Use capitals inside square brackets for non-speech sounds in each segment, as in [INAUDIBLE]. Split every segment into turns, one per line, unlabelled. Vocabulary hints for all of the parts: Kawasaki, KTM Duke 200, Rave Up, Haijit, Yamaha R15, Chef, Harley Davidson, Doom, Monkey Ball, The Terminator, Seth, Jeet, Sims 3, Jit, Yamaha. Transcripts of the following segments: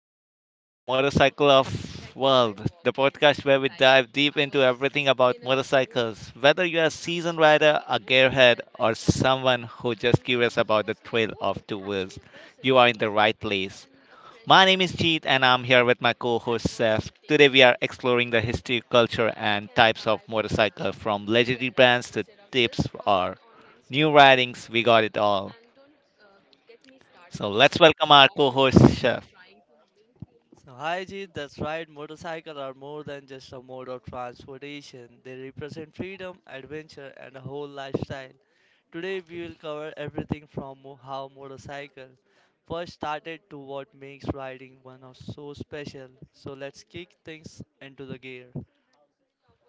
Rave Up, the motorcycle of world, the podcast where we dive deep into everything about motorcycles. Whether you're a seasoned rider, a gearhead, or someone who just curious about the thrill of two wheels, you are in the right place. My name is Jeet and I'm here with my co-host Seth. Today we are exploring the history, culture and types of motorcycle from legendary brands to tips or new ridings. We got it all. So let's welcome our co-host Chef.
So, Haijit, that's right, motorcycles are more than just a mode of transportation. They represent freedom, adventure, and a whole lifestyle. Today, we will cover everything from how motorcycles first started to what makes riding one of so special. So, let's kick things into the gear.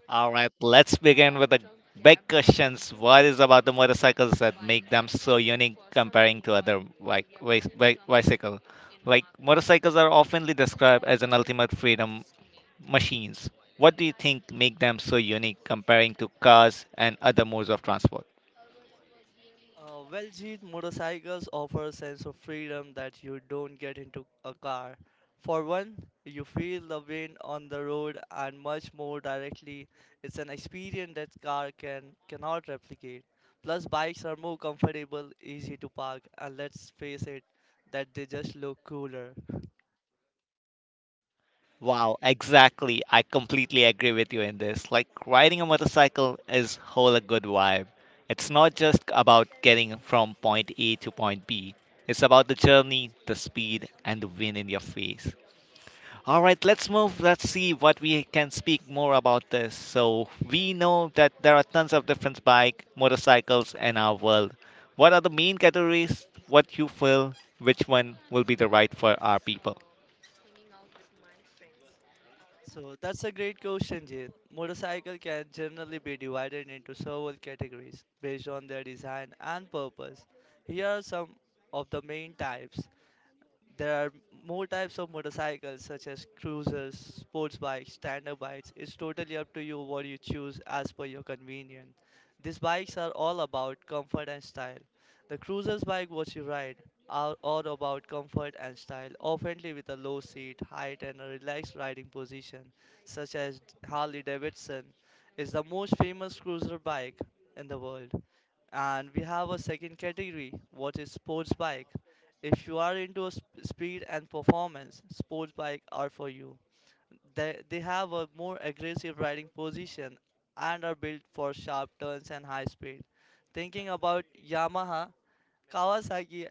All right, let's begin with the big questions. What is about the motorcycles that make them so unique comparing to other like bicycle? Like motorcycles are oftenly described as an ultimate freedom machines. What do you think make them so unique comparing to cars and other modes of transport?
Well, Jeet, motorcycles offer a sense of freedom that you don't get into a car. For one, you feel the wind on the road and much more directly. It's an experience that car cannot replicate. Plus, bikes are more comfortable, easy to park, and let's face it, that they just look cooler.
Wow, exactly. I completely agree with you in this. Like riding a motorcycle is whole a good vibe. It's not just about getting from point A to point B. It's about the journey, the speed, and the wind in your face. All right, let's move. Let's see what we can speak more about this. So we know that there are tons of different bike, motorcycles in our world. What are the main categories? What you feel? Which one will be the right for our people?
So that's a great question, Jit. Motorcycle can generally be divided into several categories based on their design and purpose. Here are some of the main types. There are more types of motorcycles such as cruisers, sports bikes, standard bikes. It's totally up to you what you choose as per your convenience. These bikes are all about comfort and style. The cruisers bike what you ride are all about comfort and style, often with a low seat, height and a relaxed riding position, such as Harley Davidson is the most famous cruiser bike in the world. And we have a second category, what is sports bike. If you are into speed and performance, sports bike are for you. They have a more aggressive riding position and are built for sharp turns and high speed. Thinking about Yamaha, Kawasaki,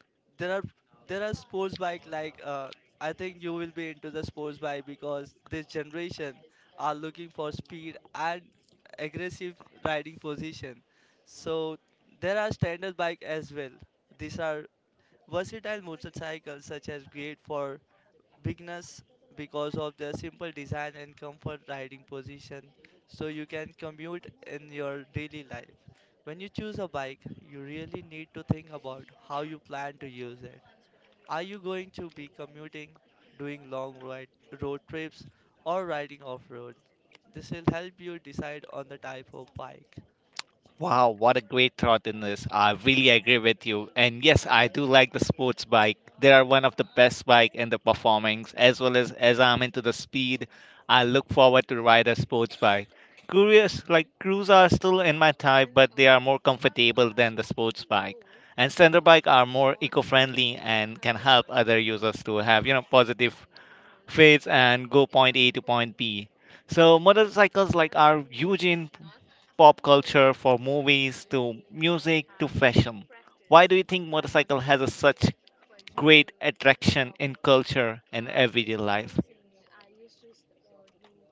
[LAUGHS] there are there are sports bike like I think you will be into the sports bike because this generation are looking for speed and aggressive riding position. So there are standard bike as well. These are versatile motorcycles such as great for beginners because of their simple design and comfort riding position so you can commute in your daily life. When you choose a bike, you really need to think about how you plan to use it. Are you going to be commuting, doing long ride, road trips, or riding off road? This will help you decide on the type of bike.
Wow, what a great thought in this. I really agree with you. And yes, I do like the sports bike. They are one of the best bike in the performance as well as I'm into the speed, I look forward to ride a sports bike. Curious, like crews are still in my type, but they are more comfortable than the sports bike. And standard bike are more eco-friendly and can help other users to have, you know, positive fades and go point A to point B. So motorcycles like are huge in pop culture for movies to music to fashion. Why do you think motorcycle has a such great attraction in culture and everyday life?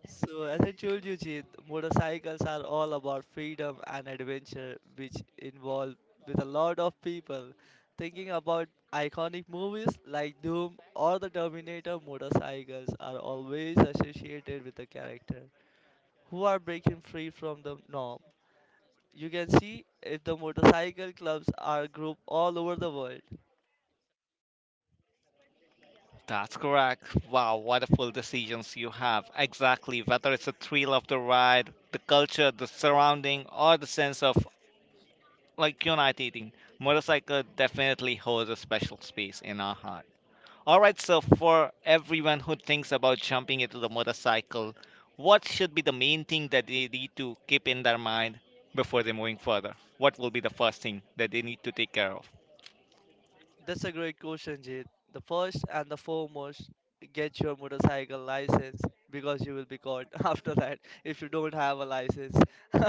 So, as I told you, Jeet, motorcycles are all about freedom and adventure, which involve with a lot of people. Thinking about iconic movies like Doom or The Terminator, motorcycles are always associated with a character who are breaking free from the norm. You can see if the motorcycle clubs are grouped all over the world.
That's correct. Wow, what a full decisions you have. Exactly. Whether it's the thrill of the ride, the culture, the surrounding, or the sense of like uniting, motorcycle definitely holds a special space in our heart. All right, so for everyone who thinks about jumping into the motorcycle, what should be the main thing that they need to keep in their mind before they're moving further? What will be the first thing that they need to take care of?
That's a great question, Jit. The first and the foremost, get your motorcycle license because you will be caught [LAUGHS] after that if you don't have a license. [LAUGHS]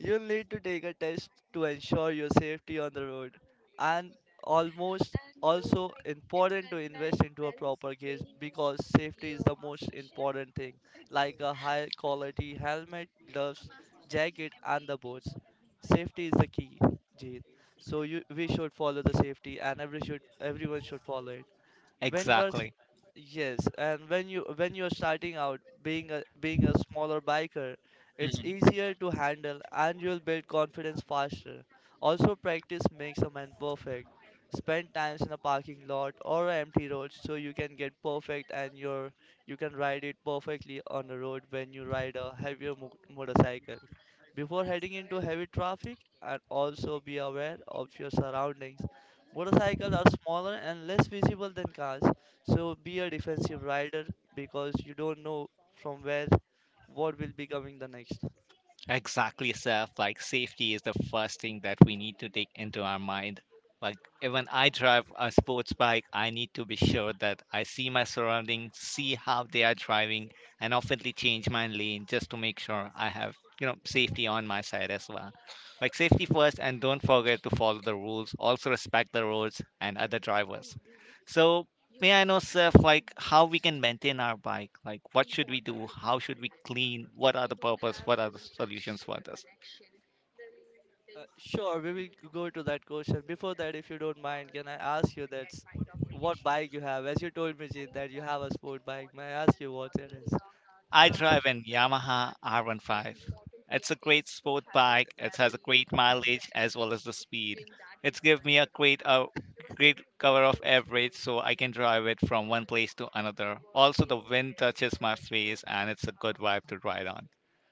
You'll need to take a test to ensure your safety on the road. And almost also important to invest into a proper case because safety is the most important thing, like a high quality helmet, gloves, jacket, and the boots. Safety is the key, Jit. So you, we should follow the safety, and everyone should follow it when you are
Exactly.
yes, and when you are starting out, being a smaller biker, it's easier to handle and you'll build confidence faster. Also, practice makes a man perfect. Spend times in a parking lot or an empty road so you can get perfect and you can ride it perfectly on the road when you ride a heavier motorcycle before heading into heavy traffic. And also be aware of your surroundings. Motorcycles are smaller and less visible than cars, so be a defensive rider because you don't know from where what will be coming the next.
Exactly, Seth. Like safety is the first thing that we need to take into our mind. Like even I drive a sports bike, I need to be sure that I see my surroundings, see how they are driving, and oftenly change my lane just to make sure I have, you know, safety on my side as well. Like safety first, and don't forget to follow the rules. Also respect the roads and other drivers. So may I know, Seth, like how we can maintain our bike? Like what should we do? How should we clean? What are the purpose? What are the solutions for this?
Sure, we will go to that question. Before that, if you don't mind, can I ask you that's what bike you have? As you told me, Jeet, that you have a sport bike, may I ask you what it is?
I drive an Yamaha R15. It's a great sport bike. It has a great mileage as well as the speed. It's give me a great cover of average so I can drive it from one place to another. Also the wind touches my face and it's a good vibe to ride on.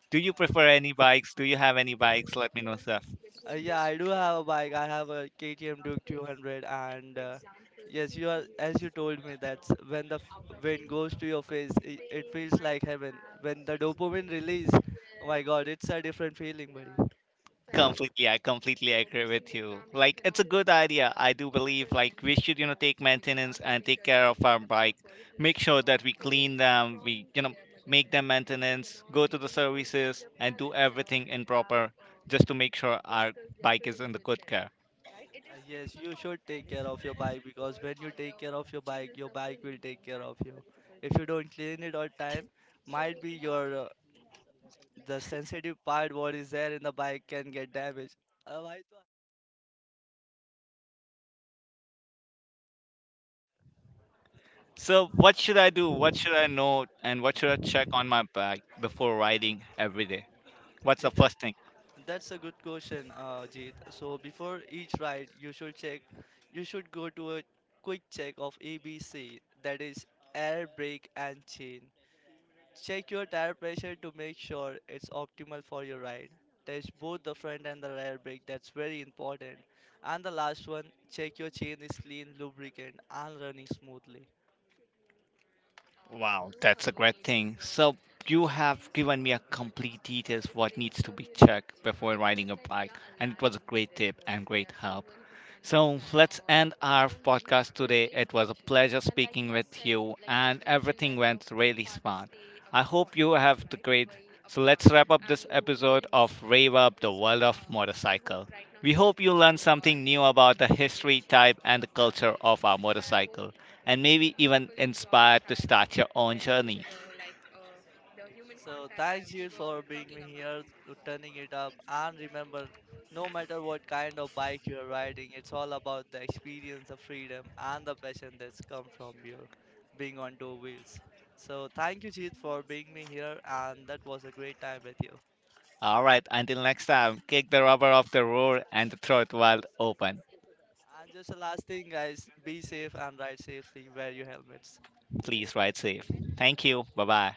Do you prefer any bikes? Do you have any bikes? Let me know stuff.
Yeah, I do have a bike. I have a KTM Duke 200, and yes, you are as you told me that's when the wind goes to your face, it feels like heaven. When the dopamine release, oh my God, it's a different feeling, buddy.
Completely, I completely agree with you. Like, it's a good idea. I do believe, like, we should, you know, take maintenance and take care of our bike. Make sure that we clean them, we make them maintenance, go to the services, and do everything in proper just to make sure our bike is in the good care.
Yes, you should take care of your bike because when you take care of your bike will take care of you. If you don't clean it on time, might be your the sensitive part what is there in the bike can get damaged. Why? तो-
So, what should I do? What should I know? And what should I check on my bike before riding every day? What's
Yeah,
the
that's
first thing?
That's a good question, Jeet. So before each ride, you should check, you should go to a quick check of ABC, that is air, brake and chain. Check your tire pressure to make sure it's optimal for your ride. Test both the front and the rear brake. That's very important. And the last one, check your chain is clean, lubricant, and running smoothly.
Wow, that's a great thing. So you have given me a complete details what needs to be checked before riding a bike, and it was a great tip and great help. So let's end our podcast today. It was a pleasure speaking with you, and everything went really smart. I hope you have the great. So let's wrap up this episode of Rave Up the World of Motorcycle. We hope you learned something new about the history, type, and the culture of our motorcycle, and maybe even inspired to start your own journey.
So thanks you for bringing me here, to turning it up, and remember, no matter what kind of bike you're riding, it's all about the experience, the freedom, and the passion that's come from you being on two wheels. So thank you, Jeet, for bringing me here, and that was a great time with you.
All right, until next time, kick the rubber off the road and throw it wide open.
And just the last thing, guys, be safe and ride safely. Wear your helmets.
Please ride safe. Thank you. Bye bye.